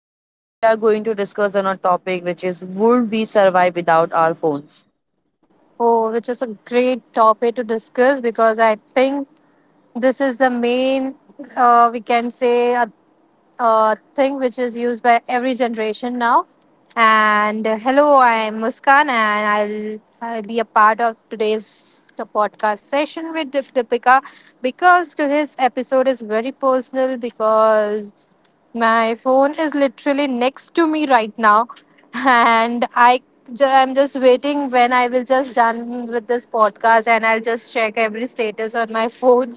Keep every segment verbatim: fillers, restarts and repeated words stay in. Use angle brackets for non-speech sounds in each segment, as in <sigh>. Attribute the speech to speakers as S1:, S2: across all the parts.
S1: and today we are going to discuss on a topic which is would we survive without our phones?
S2: Oh, which is a great topic to discuss because I think this is the main, uh, we can say, a, a thing which is used by every generation now. And uh, hello, I'm Muskan, and I'll I'll be a part of today's the podcast session with Dip- Deepika because today's episode is very personal because my phone is literally next to me right now, and I ju- I'm just waiting when I will just done with this podcast and I'll just check every status on my phone.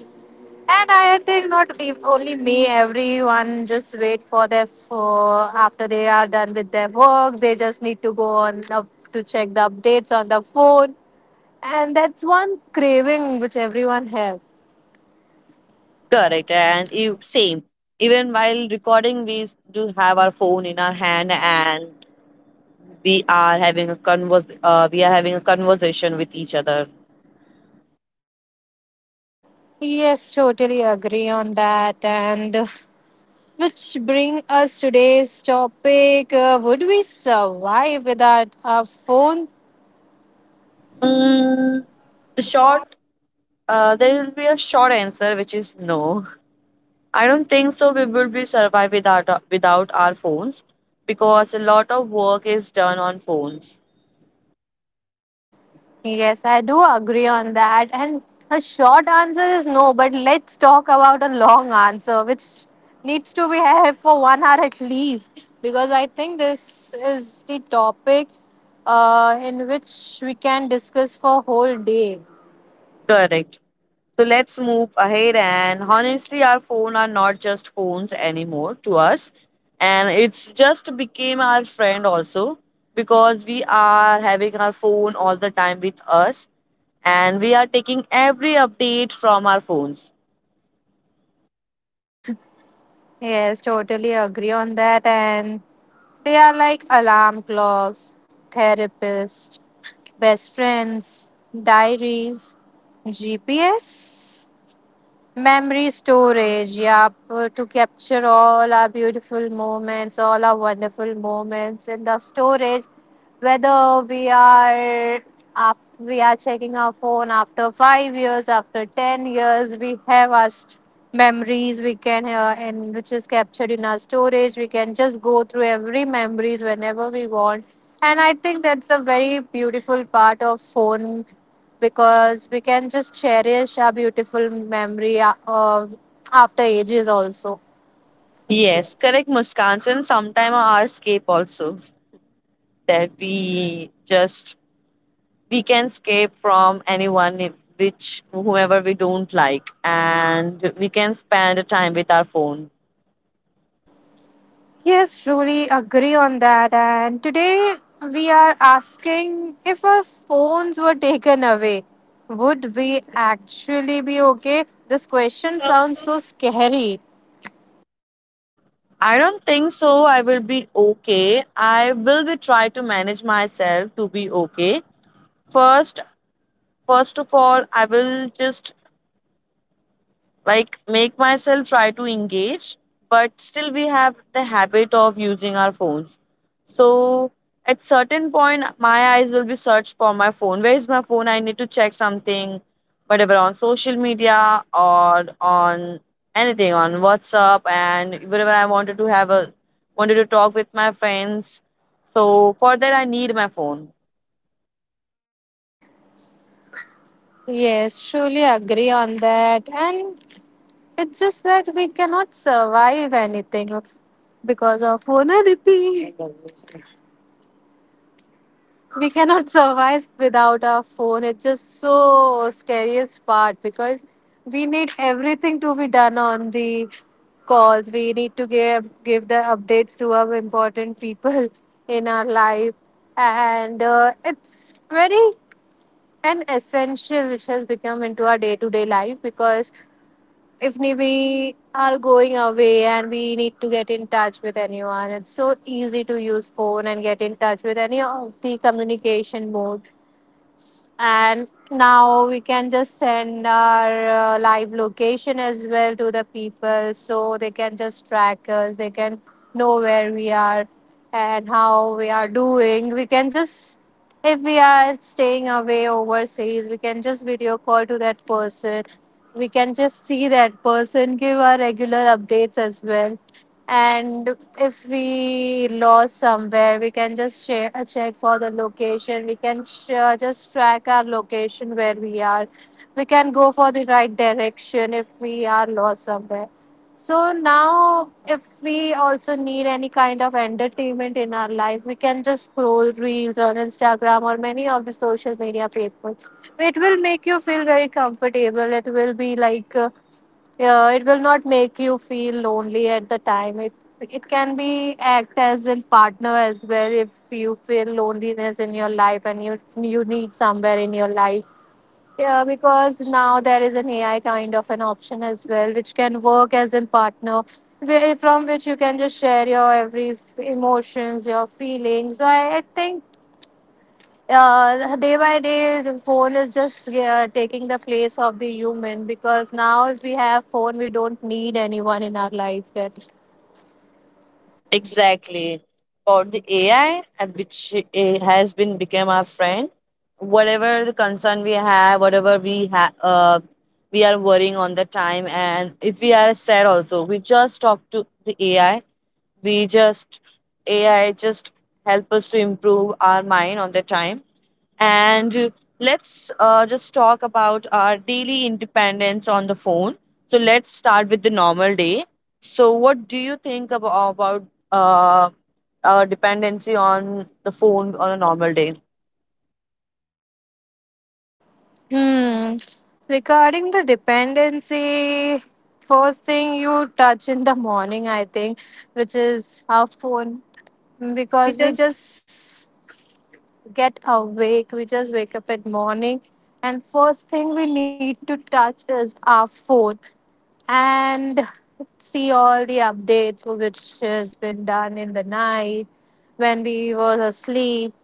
S2: And I think not if only me, everyone just wait for their for after they are done with their work. They just need to go on up to check the updates on the phone, and that's one craving which everyone have.
S1: Correct, and you, same. Even while recording, we do have our phone in our hand, and we are having a convers. Uh, we are having a conversation with each other.
S2: Yes, totally agree on that. And uh, Which bring us today's topic: uh, would we survive without our phone?
S1: Mm, the short, uh, there will be a short answer, which is no. I don't think so. We will be survive without without our phones because a lot of work is done on phones.
S2: Yes, I do agree on that. And a short answer is no, but let's talk about a long answer, which needs to be <laughs> held for one hour at least, because I think this is the topic uh, in which we can discuss for whole day.
S1: Correct. So let's move ahead and honestly our phone are not just phones anymore to us, and it's just became our friend also because we are having our phone all the time with us, and we are taking every update from our phones.
S2: Yes, totally agree on that. And they are like alarm clocks, therapists, best friends, diaries, G P S. Memory storage, yep, uh, to capture all our beautiful moments, all our wonderful moments in the storage. Whether we are af- we are checking our phone after five years, after ten years, we have our s- memories. We can uh, and which is captured in our storage. We can just go through every memories whenever we want, and I think that's a very beautiful part of phone because we can just cherish our beautiful memory uh, of after ages also.
S1: Yes, correct Muskan, and sometime our escape also that we just we can escape from anyone i- which whomever we don't like and we can spend time with our phone.
S2: Yes, truly agree on that. And today we are asking if our phones were taken away, would we actually be okay? This
S1: Question
S2: question
S1: sounds.
S2: sounds so scary.
S1: I don't think so I will be okay. I will be try to manage myself to be okay. First, first of all I will just like make myself try to engage, but still we have the habit of using our phones. So at certain point my eyes will be searched for my phone. Where is my phone? I need to check something, whatever on social media or on anything on WhatsApp, and wherever I wanted to have a wanted to talk with my friends. So for that I need my phone.
S2: Yes, truly agree on that. And it's just that we cannot survive anything because of phone therapy. We cannot survive without our phone. It's just so scariest part because we need everything to be done on the calls. We need to give give the updates to our important people <laughs> in our life, and uh, it's very an essential which has become into our day to day life because if ne- we are going away and we need to get in touch with anyone. It's so easy to use phone and get in touch with any of the communication mode, and now we can just send our uh, live location as well to the people so they can just track us, they can know where we are and how we are doing. We can just if we are staying away overseas we can just video call to that person, we can just see that person, give our regular updates as well. And if we lost somewhere we can just share, uh, check for the location, we can share, just track our location where we are, we can go for the right direction if we are lost somewhere. So now if we also need any kind of entertainment in our life, we can just scroll reels on Instagram or many of the social media people. It will make you feel very comfortable, it will be like uh, yeah, it will not make you feel lonely at the time. It it can be act as a partner as well if you feel loneliness in your life and you you need somewhere in your life. Yeah, because now there is an A I kind of an option as well, which can work as a partner, where- from which you can just share your every f- emotions, your feelings. So I, I think uh, day by day the phone is just uh, taking the place of the human, because now if we have phone we don't need anyone in our life then.
S1: Exactly. About the A I and which it has been become our friend. Whatever the concern we have, whatever we have, uh, we are worrying on the time, and if we are sad also, we just talk to the A I. We just A I just help us to improve our mind on the time. And uh, Let's uh, just talk about our daily independence on the phone. So let's start with the normal day. So what do you think about, about uh, our dependency on the phone on a normal day?
S2: Hmm, regarding the dependency, first thing you touch in the morning I think, which is our phone,
S1: Because we
S2: because we
S1: just
S2: just get awake, we just wake up at morning, and first thing we need to touch is our phone, and see all the updates which has been done in the night when we were asleep.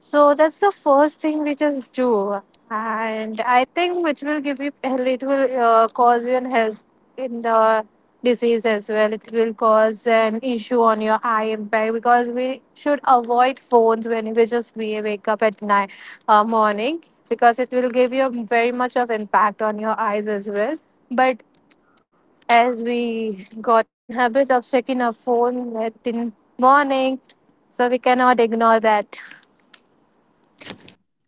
S2: So that's the first thing we just do, and I think which will give you it will uh, cause you an health in the disease as well. It will cause an issue on your eye impact because we should avoid phones when we just we wake up at night uh, morning, because it will give you very much of impact on your eyes as well. But as we got an habit of checking our phone at in morning, so we cannot ignore that.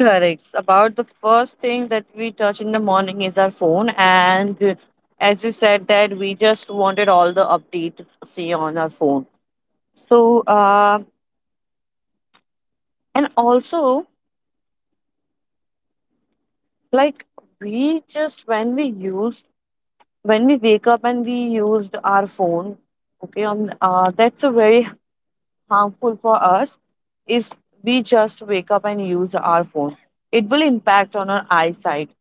S1: correct about the first thing that we touch in the morning is our phone, and uh, as you said that we just wanted all the updates see on our phone. So uh, and also like we just when we used when we wake up and we used our phone. Okay, on uh, that's a very harmful for us if we just wake up and use our phone. It will impact on our eyesight.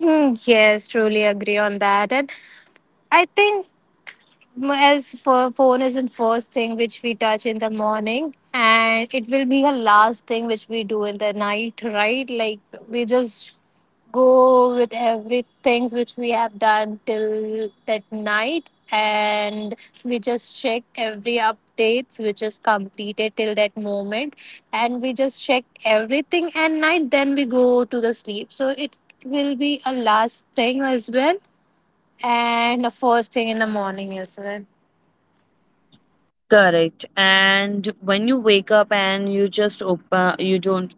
S2: Mm, yes, truly agree on that. And I think m- as for phone is the first thing which we touch in the morning, and it will be a last thing which we do in the night, right? Like we just go with everything which we have done till that night, and we just check every updates which is completed till that moment, and we just check everything at night then we go to the sleep. So it will be a last thing as well, and a first thing in the morning as well.
S1: Correct. And when you wake up and you just open, you don't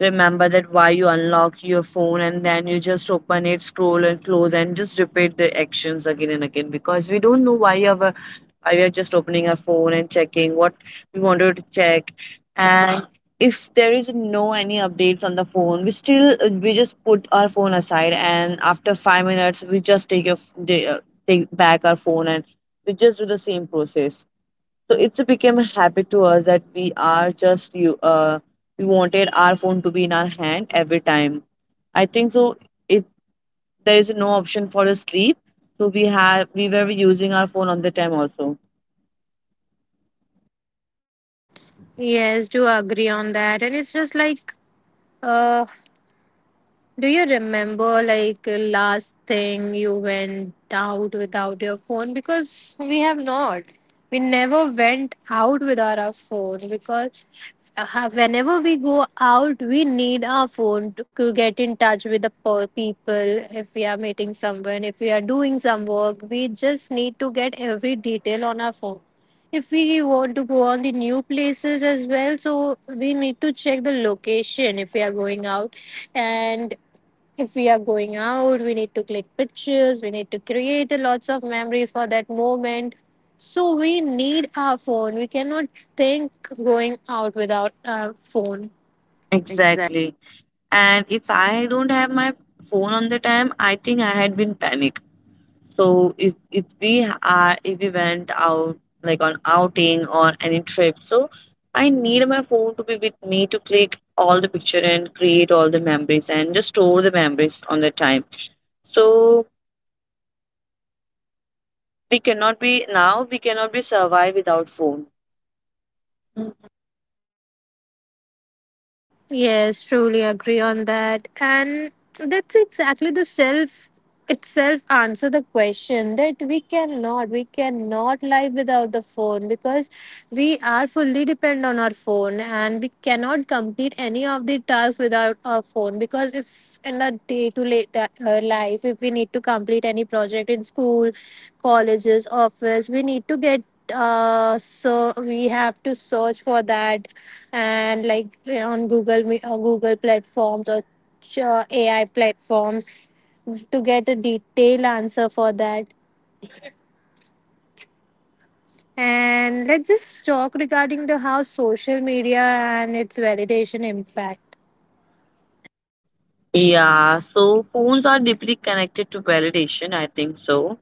S1: remember that why you unlock your phone, and then you just open it, scroll and close and just repeat the actions again and again, because we don't know why our why we are just opening our phone and checking what we wanted to check. And if there is no any updates on the phone, we still we just put our phone aside, and after five minutes we just take your f- the- uh, take back our phone and we just do the same process. So it's became a habit to us that we are just you uh we wanted our phone to be in our hand every time. I think so if there is no option for the sleep, so we have we were using our phone on the time also.
S2: Yes, do agree on that. And it's just like uh do you remember like last thing you went out without your phone? Because we have not. We never went out without our phone because uh, whenever we go out, we need our phone to, to get in touch with the per- people. If we are meeting someone, if we are doing some work, we just need to get every detail on our phone. If we want to go on the new places as well, so we need to check the location if we are going out. And if we are going out, we need to click pictures, we need to create a lots of memories for that moment. So we need our phone. We cannot think going out without our phone. Exactly.
S1: Exactly. And if I don't have my phone on the time, I think I had been panic. So if if we are if we went out like on outing or any trip, so I need my phone to be with me to click all the picture and create all the memories and just store the memories on the time. So we cannot be now we cannot be survive without phone. Mm.
S2: Yes, truly agree on that. And that's exactly the self itself answer the question that we cannot we cannot live without the phone, because we are fully depend on our phone and we cannot complete any of the tasks without our phone. Because if in a day to late uh, life if we need to complete any project in school, colleges, office, we need to get uh So we have to search for that, and like on Google Me- uh, Google platforms or ch- uh, A I platforms to get a detailed answer for that. And let's just talk regarding the how social media and its validation impact.
S1: Yeah, so phones are deeply connected to validation, I think so.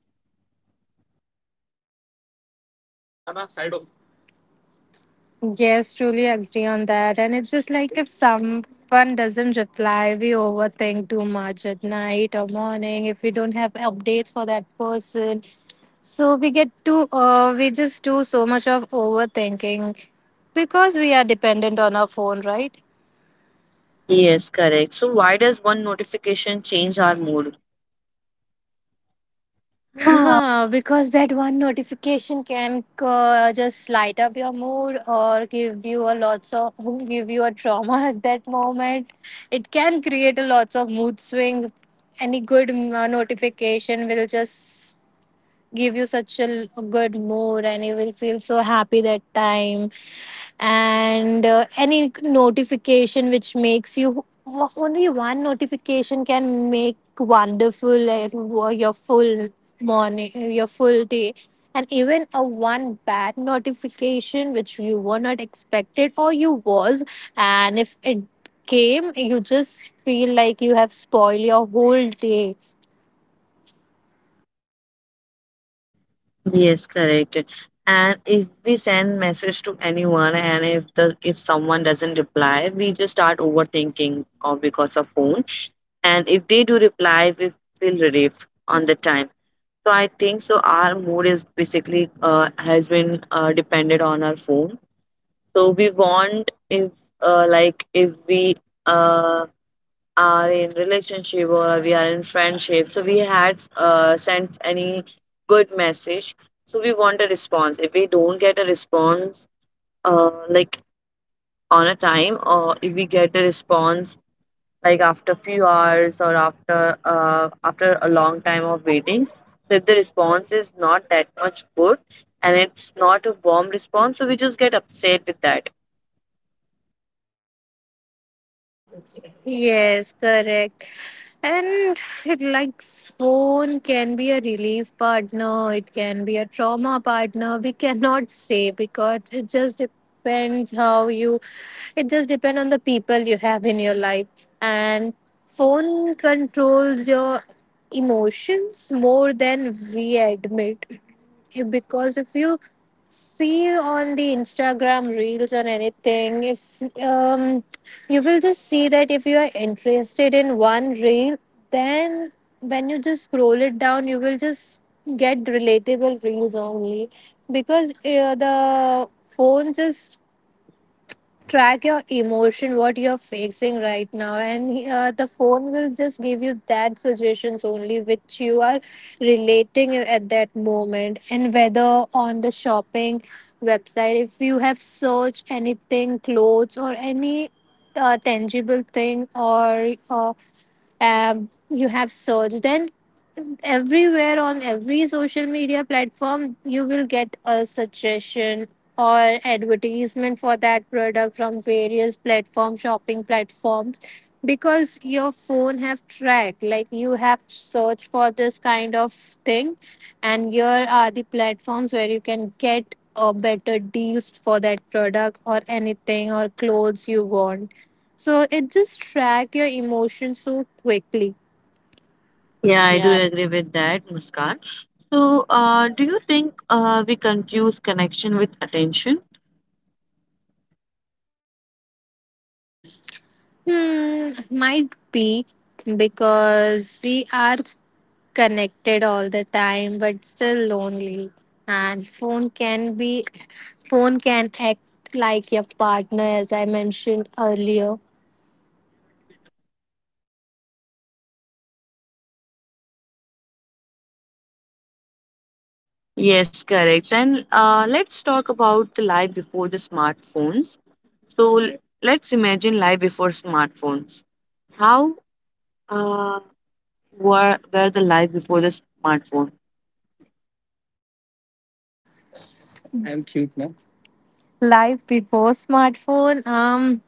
S2: Yes, truly agree on that. And it's just like if someone doesn't reply, we overthink too much at night or morning if we don't have updates for that person. So we get too, uh, we just do so much of overthinking because we are dependent on our phone, right?
S1: Yes, correct. So why does one notification change our mood? <laughs>
S2: Huh, because that one notification can uh, just light up your mood or give you a lots of <laughs> give you a trauma <laughs> at that moment. It can create a lots of mood swings. Any good mm, uh, notification will just give you such a l- good mood, and you will feel so happy that time. And uh, any notification which makes you o- only one notification can make wonderful uh, wo- your full morning, your full day. And even a one bad notification which you were not expected or you was, and if it came, you just feel like you have spoiled your whole day.
S1: Yes, correct. And if we send message to anyone and if the if someone doesn't reply, we just start overthinking or because of phone. And if they do reply, we feel relief on the time. So I think so our mood is basically uh, has been uh, dependent on our phone. So we want if uh, like if we uh, are in relationship or we are in friendship, so we had uh, sent any good message, so we want a response. If we don't get a response, uh, like on a time, or if we get a response like after few hours or after uh, after a long time of waiting, so if the response is not that much good and it's not a warm response, so we just get upset with that.
S2: Yes, correct. And it, like phone can be a relief partner, it can be a trauma partner. We cannot say because it just depends how you it just depends on the people you have in your life. And phone controls your emotions more than we admit. Yeah, because if you see on the Instagram reels or anything, if um, you will just see that if you are interested in one reel then when you just scroll it down you will just get relatable reels only because uh, the phone just track your emotion what you're facing right now, and uh, the phone will just give you that suggestions only which you are relating at that moment. And whether on the shopping website, if you have searched anything, clothes or any uh, tangible thing, or uh, um, you have searched, then everywhere on every social media platform you will get a suggestion or advertisement for that product from various platform, shopping platforms, because your phone have track like you have searched for this kind of thing, and here are the platforms where you can get a better deals for that product or anything or clothes you want. So it just track your emotions so quickly.
S1: Yeah, I do agree with that, Muskan. So, uh, do you think uh, we confuse connection with attention?
S2: Hmm, might be, because we are connected all the time but still lonely, and phone can be phone can act like your partner as I mentioned earlier.
S1: Yes, correct. And uh, Let's talk about the life before the smartphones. So, l- let's imagine life before smartphones. How uh, were, were the life before the smartphone?
S2: Life before smartphone, um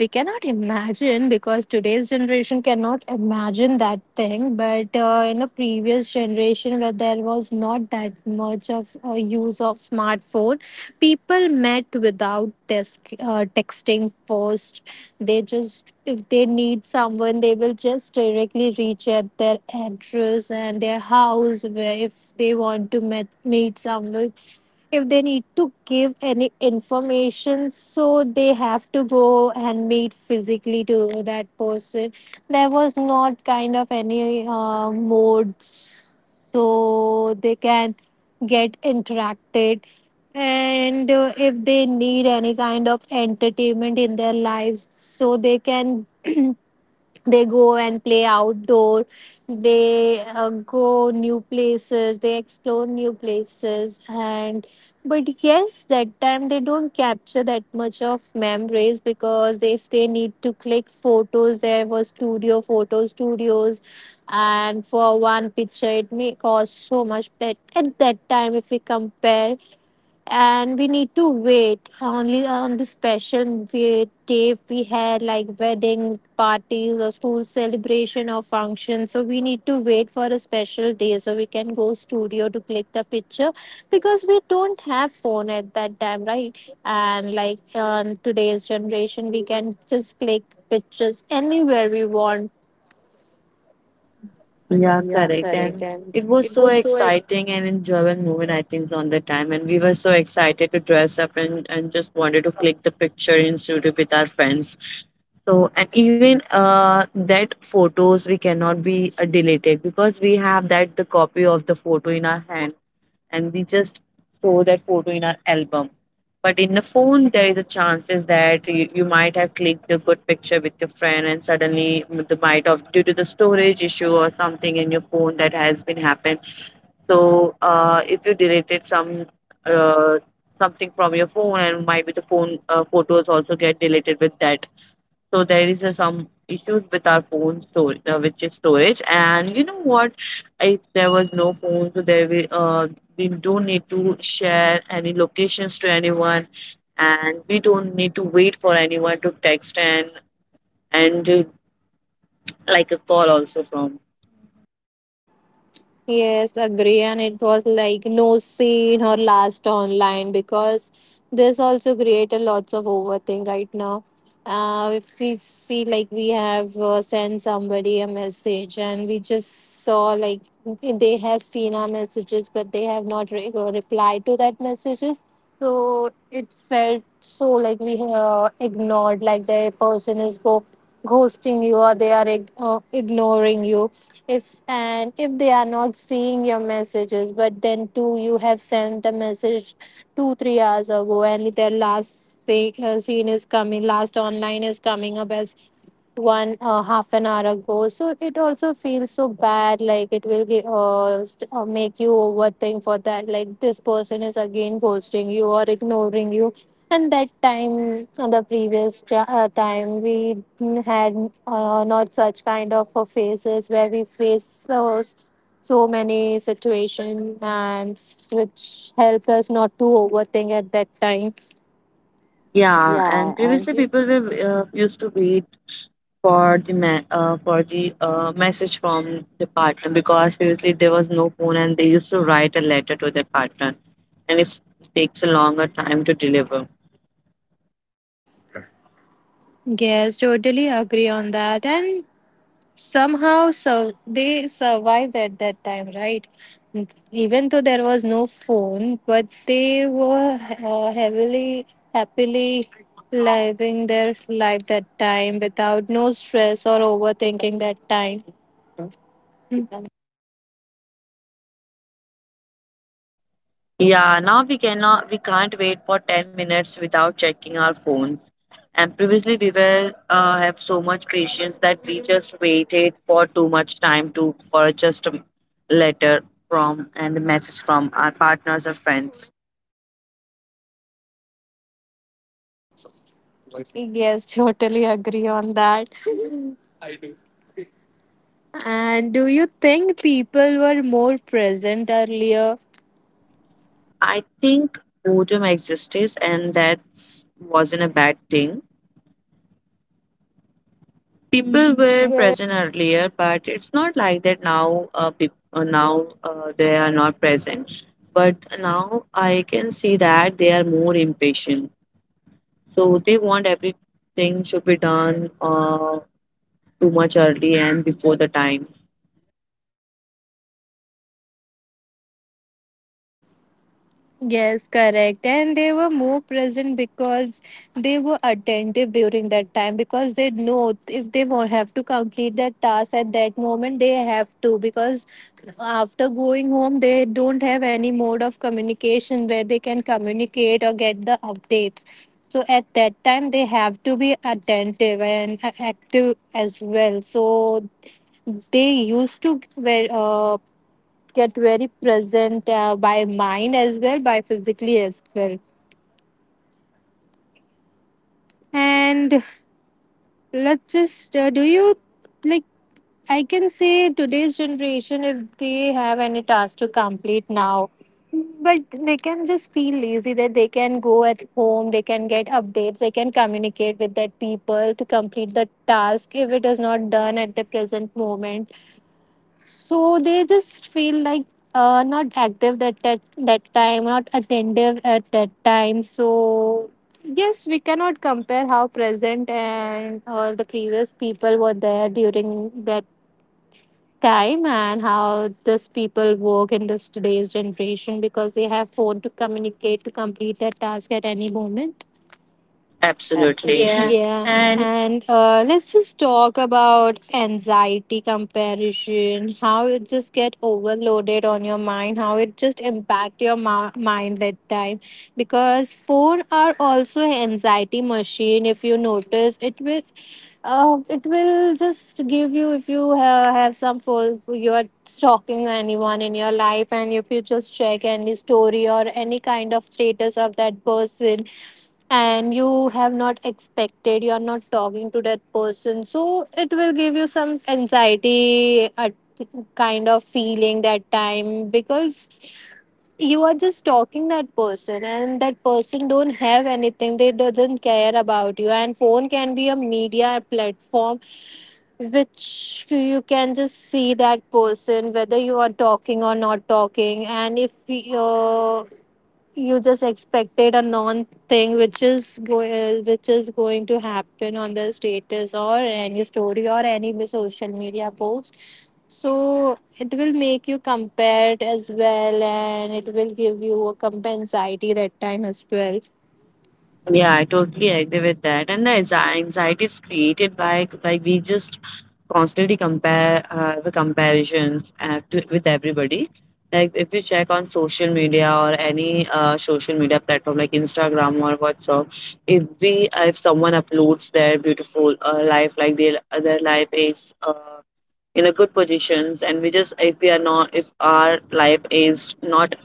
S2: we cannot imagine, because today's generation cannot imagine that thing, but uh, in the previous generation where there was not that much of uh, use of smartphone, people met without desk, uh, texting first. They just, if they need someone, they will just directly reach at their address and their house, where if they want to met, meet someone, if they need to give any information, so they have to go and meet physically to that person. There was not kind of any uh, modes so they can get interacted. And uh, if they need any kind of entertainment in their lives, so they can <clears throat> they go and play outdoor, they uh, go new places, they explore new places. And but yes, that time they don't capture that much of memories, because if they need to click photos, there was studio photo studios, and for one picture it may cost so much that at that time, if we compare, and we need to wait only on the special we- day. We had like weddings, parties, or school celebration or function, so we need to wait for a special day so we can go studio to click the picture, because we don't have phone at that time, right? And like on today's generation, we can just click pictures anywhere we want.
S1: Yeah,
S2: Yeah,
S1: correct.
S2: correct.
S1: And
S2: And
S1: it was
S2: it
S1: so
S2: was so.
S1: exciting and enjoyable moment, I think, on the time. And we were so excited to dress up and, and just wanted to click the picture in studio with our friends. So, and even uh, that photos we cannot be uh, deleted because we have that the copy of the photo in our hand, and we just store that photo in our album. But in the phone, there is a chances that you, you might have clicked a good picture with your friend, and suddenly the might of due to the storage issue or something in your phone that has been happened. So, uh, if you deleted some uh, something from your phone, and might be the phone uh, photos also get deleted with that. So there is uh, some issues with our phone storage, uh, which is storage. And you know what? If there was no phone, so there we uh, we don't need to share any locations to anyone, and we don't need to wait for anyone to text and and uh, like a call also from.
S2: Yes, agree. And it was like no seen or last online, because this also create a lots of overthink right now. Uh, if we see like we have uh, sent somebody a message, and we just saw like they have seen our messages, but they have not re- uh, replied to that messages. So it felt so like we uh, ignored, like the person is go ghosting you, or they are ig- uh, ignoring you. If and if they are not seeing your messages, but then too you have sent the message two three hours ago, and their last say, uh, scene is coming last online is coming up as one uh, half an hour ago. So it also feels so bad, like it will get, uh, st- uh, make you overthink for that, like this person is again ghosting you or ignoring you. And that time, uh, the previous tra- uh, time, we had uh, not such kind of uh, phases where we face so, so many situations, and which helped us not to overthink at that time.
S1: Yeah,
S2: Yeah,
S1: and
S2: and.
S1: previously people were uh, used to wait for the ma- uh, for the uh, message from the partner, because previously there was no phone, and they used to write a letter to their partner, and it takes a longer time to deliver.
S2: Yes, totally agree on that. And somehow so they survived at that time, right? Mm, even though there was no phone, but they were uh, heavily happily living their life that time without no stress or overthinking that time. Mm,
S1: Yeah, now we cannot we can't wait for ten minutes without checking our phones. And previously we were uh, have so much patience that we just waited for too much time to for just a letter from and a message from our partners or friends.
S2: yes, <laughs> totally agree on that. And do you think people were more present earlier?
S1: I think boredom existed, and that wasn't a bad thing. People were
S2: Mm.
S1: present earlier, but it's not like that now. Uh, peop- uh, now uh, they are not present, but now I can see that they are more impatient. So they want everything should be done uh, too much early and before the time.
S2: Yes, correct. And they were more present because they were attentive during that time, because they know if they won't have to complete that task at that moment, they have to, because after going home, they don't have any mode of communication where they can communicate or get the updates. So at that time, they have to be attentive and a- active as well. So they used to wear, uh, get very present uh, by mind as well, by physically as well. And let's just, uh, do you like, I can say today's generation, if they have any task to complete now, but they can just feel lazy that they can go at home, they can get updates, they can communicate with that people to complete the task if it is not done at the present moment. So they just feel like uh, not active, that, that that time, not attentive at that time. So yes, we cannot compare how present and all the previous people were there during that time, and how this people work in this today's generation, because they have phone to communicate to complete their task at any moment.
S1: Absolutely. Yeah,
S2: Absolutely. Yeah.
S1: and
S2: And uh, let's just talk about anxiety comparison, how it just get overloaded on your mind, how it just impact your ma- mind that time. Because phone are also anxiety machine. If you notice, it will, uh, it will just give you, if you uh, have some phone, you are stalking anyone in your life, and if you just check any story or any kind of status of that person, and you have not expected, you're not talking to that person, so it will give you some anxiety, a kind of feeling that time, because you are just talking that person, and that person don't have anything, they doesn't care about you. And phone can be a media platform which you can just see that person, whether you are talking or not talking. And if you you just expected a non thing which is go uh, which is going to happen on the status or any story or any social media post, so it will make you compared as well, and it will give you a comp anxiety that time as well.
S1: Yeah, I totally agree with that. And the anxi- anxiety is created by by we just constantly compare uh, the comparisons uh, to, with everybody. Like if you check on social media or any uh, social media platform like Instagram or WhatsApp, if we if someone uploads their beautiful uh, life, like their their life is uh, in a good positions, and we just if we are not if our life is not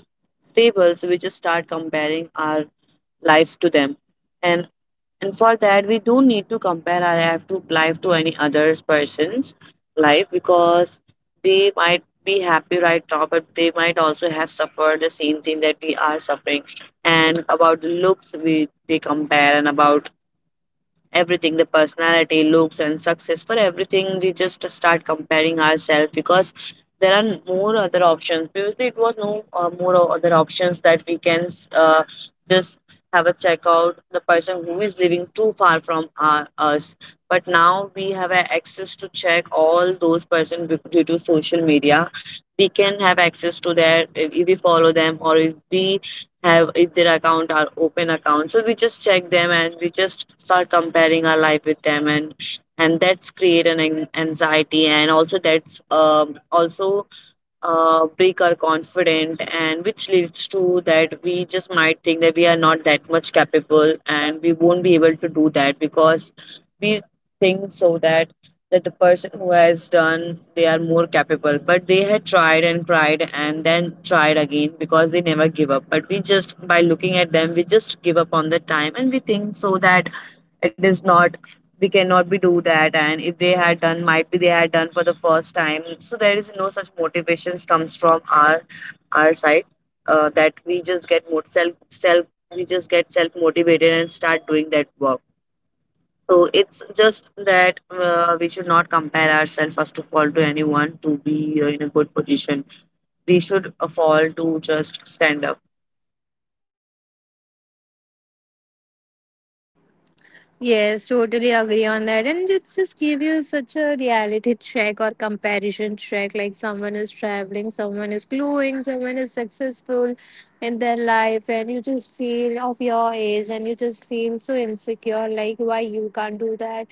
S1: stable, so we just start comparing our life to them, and and for that we don't need to compare our life to life to any other person's life, because they might be happy right now but they might also have suffered the same thing that we are suffering. And about the looks we they compare, and about everything the personality looks and success for everything we just start comparing ourselves, because there are more other options. Previously it was no uh, more o- other options that we can uh, just have a check out the person who is living too far from our, us, but now we have a access to check all those person bec- due to social media. We can have access to their if if we follow them or if we have if their account are open accounts, so we just check them and we just start comparing our life with them, and and that's create an an- anxiety, and also that's um also uh, break our confidence, and which leads to that we just might think that we are not that much capable and we won't be able to do that, because we think so that that the person who has done they are more capable, but they had tried and cried and then tried again because they never give up. But we just by looking at them we just give up on the time, and we think so that it is not we cannot be do that, and if they had done might be they had done for the first time. So there is no such motivations comes from our our side. Uh, that we just get more self self we just get self motivated and start doing that work. So it's just that uh, we should not compare ourselves first of all to anyone to be uh, in a good position. We should uh, fall to just stand up.
S2: Yes, totally agree on that. And it just give you such a reality check or comparison check. Like, someone is traveling, someone is glowing, someone is successful in their life, and you just feel of your age and you just feel so insecure. Like, why you can't do that?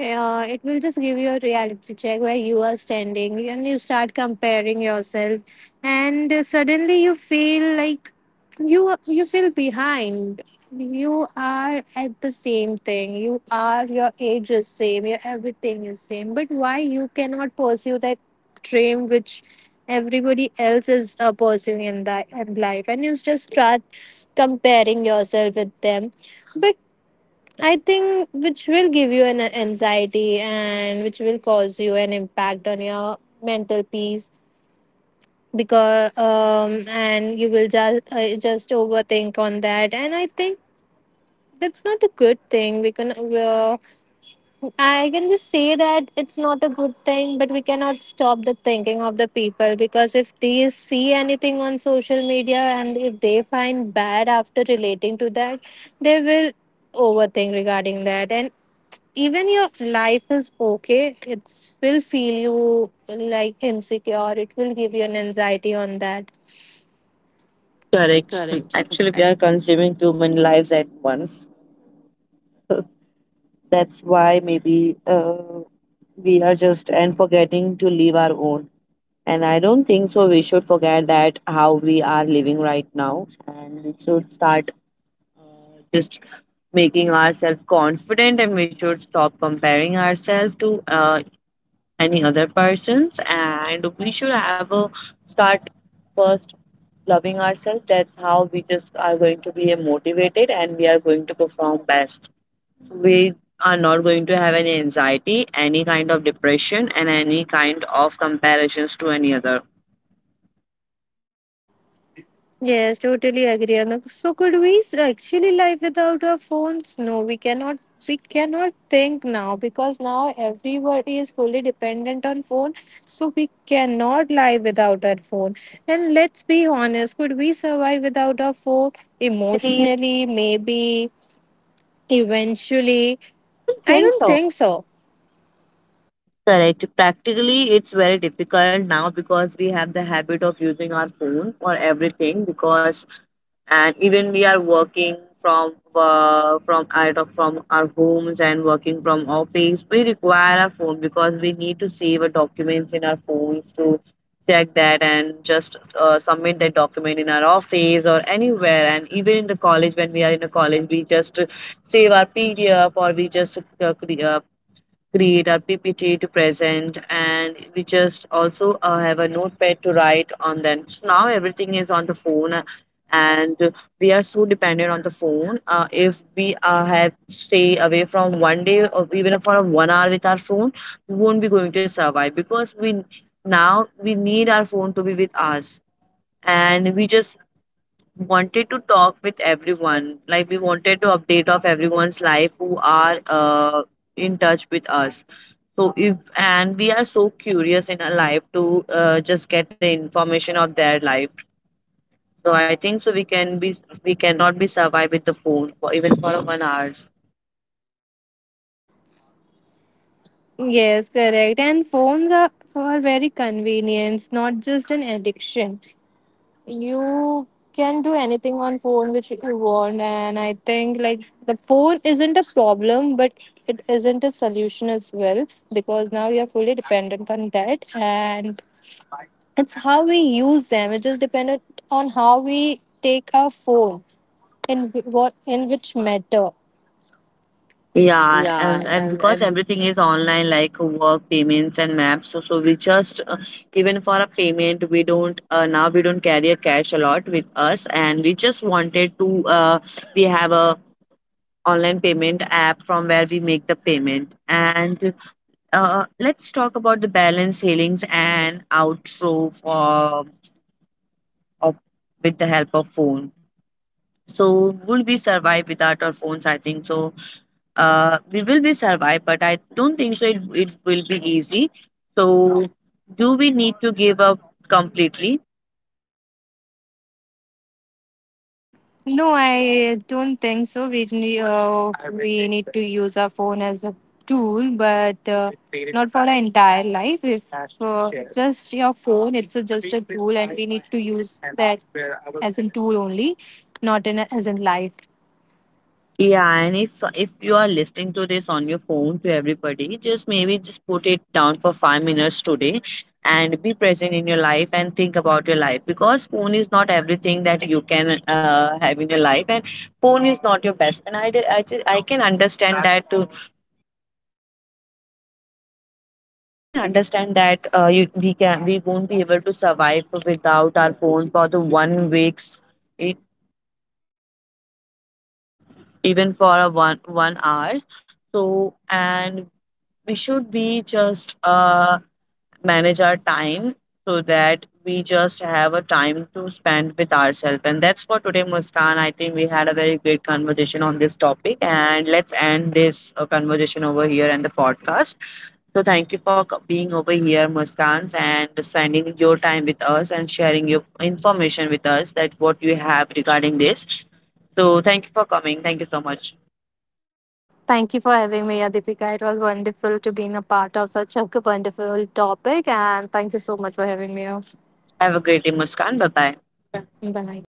S2: Uh, it will just give you a reality check where you are standing, and you start comparing yourself, and uh, suddenly you feel like you you feel behind, you are at the same thing. You are, your age is same, your everything is same, but why you cannot pursue that dream which everybody else is uh, pursuing in that in life, and you just start comparing yourself with them. But I think which will give you an uh, anxiety, and which will cause you an impact on your mental peace, because um and you will just uh, just overthink on that. And I think that's not a good thing. We can, uh, I can just say that it's not a good thing, but we cannot stop the thinking of the people, because if they see anything on social media, and if they find bad after relating to that, they will overthink regarding that, and even your life is okay, it will feel you like insecure, it will give you an anxiety on that.
S1: Correct. <laughs>
S2: Correct.
S1: Actually we are consuming too many lives at once. <laughs> That's why maybe uh, we are just and forgetting to live our own. And I don't think so. We should forget that how we are living right now, and we should start uh, just making ourselves confident and we should stop comparing ourselves to uh, any other persons and we should have a start first loving ourselves. That's how we just are going to be motivated and we are going to perform best. We are not going to have any anxiety, any kind of depression, and any kind of comparisons to any other.
S2: Yes, totally agree, Anup. So could we s- actually live without our phones? No, we cannot. We cannot think now, because now everybody is fully dependent on phone. So we cannot live without our phone. And let's be honest, could we survive without our phone
S1: Emotionally,
S2: emotionally? Maybe eventually.
S1: I don't
S2: I
S1: think
S2: don't
S1: so.
S2: think so.
S1: Mm. Correct. Practically, it's very difficult now because we have the habit of using our phone for everything. Because and even we are working from uh, from out of from our homes and working from office, we require our phone because we need to save our documents in our phones to check that and just uh, submit that document in our office or anywhere. And even in the college, when we are in a college, we just save our P D F or we just uh, cre- uh, create our P P T to present, and we just also uh, have a notepad to write on. Then so now everything is on the phone, uh, and we are so dependent on the phone. Uh, if we uh, have stay away from one day or even for a one hour with our phone, we won't be going to survive because we now we need our phone to be with us, and we just wanted to talk with everyone. Like we wanted to update of everyone's life who are uh, in touch with us. So if and we are so curious in our life to uh, just get the information of their life. So I think so we can be we cannot be survive with the phone for even for one hours.
S2: Yes, correct. And phones are, are very convenient, not just an addiction. You can do anything on phone which you want. And I think, like, the phone isn't a problem, but it isn't a solution as well, because now you're fully dependent on that, and it's how we use them, it just dependent on how we take our phone in wh- what in which matter.
S1: Yeah, and,
S2: Yeah,
S1: and because
S2: I've, I
S1: everything is online, like work, payments, and maps, so, so we just uh, even for a payment, we don't uh, now we don't carry a cash a lot with us, and we just wanted to uh, we have a online payment app from where we make the payment. And uh, let's talk about the balance healings and outro for of, with the help of phone. So would we survive without our phones? I think so uh, we will be survive, but I don't think so. It it will be easy. So, do we need to give up completely?
S2: No, I don't think so. We ne- uh, we need to use our phone as a tool, but uh, not for our entire life. If uh, just your phone, it's a, just a tool, and we need to use that as a tool only, not in a, as in life.
S1: Yeah, and if if you are listening to this on your phone to everybody, just maybe just put it down for five minutes today and be present in your life and think about your life because phone is not everything that you can uh, have in your life and phone is not your best and I, did- I, just, I can understand that I can understand that uh, you, we can we won't be able to survive without our phone for the one weeks, e- even for a one one hours. So and we should be just uh, manage our time so that we just have a time to spend with ourselves. And that's for today, Muskan. I think we had a very great conversation on this topic, and let's end this uh, conversation over here and the podcast. So thank you for co- being over here, Muskans, and spending your time with us and sharing your information with us that what you have regarding this. So thank you for coming. Thank you so much.
S2: Thank you for having me, Adipika. It was wonderful to being a part of such a wonderful topic, and thank you so much for having me.
S1: Have a great day, Muskan. Bye bye.
S2: Bye.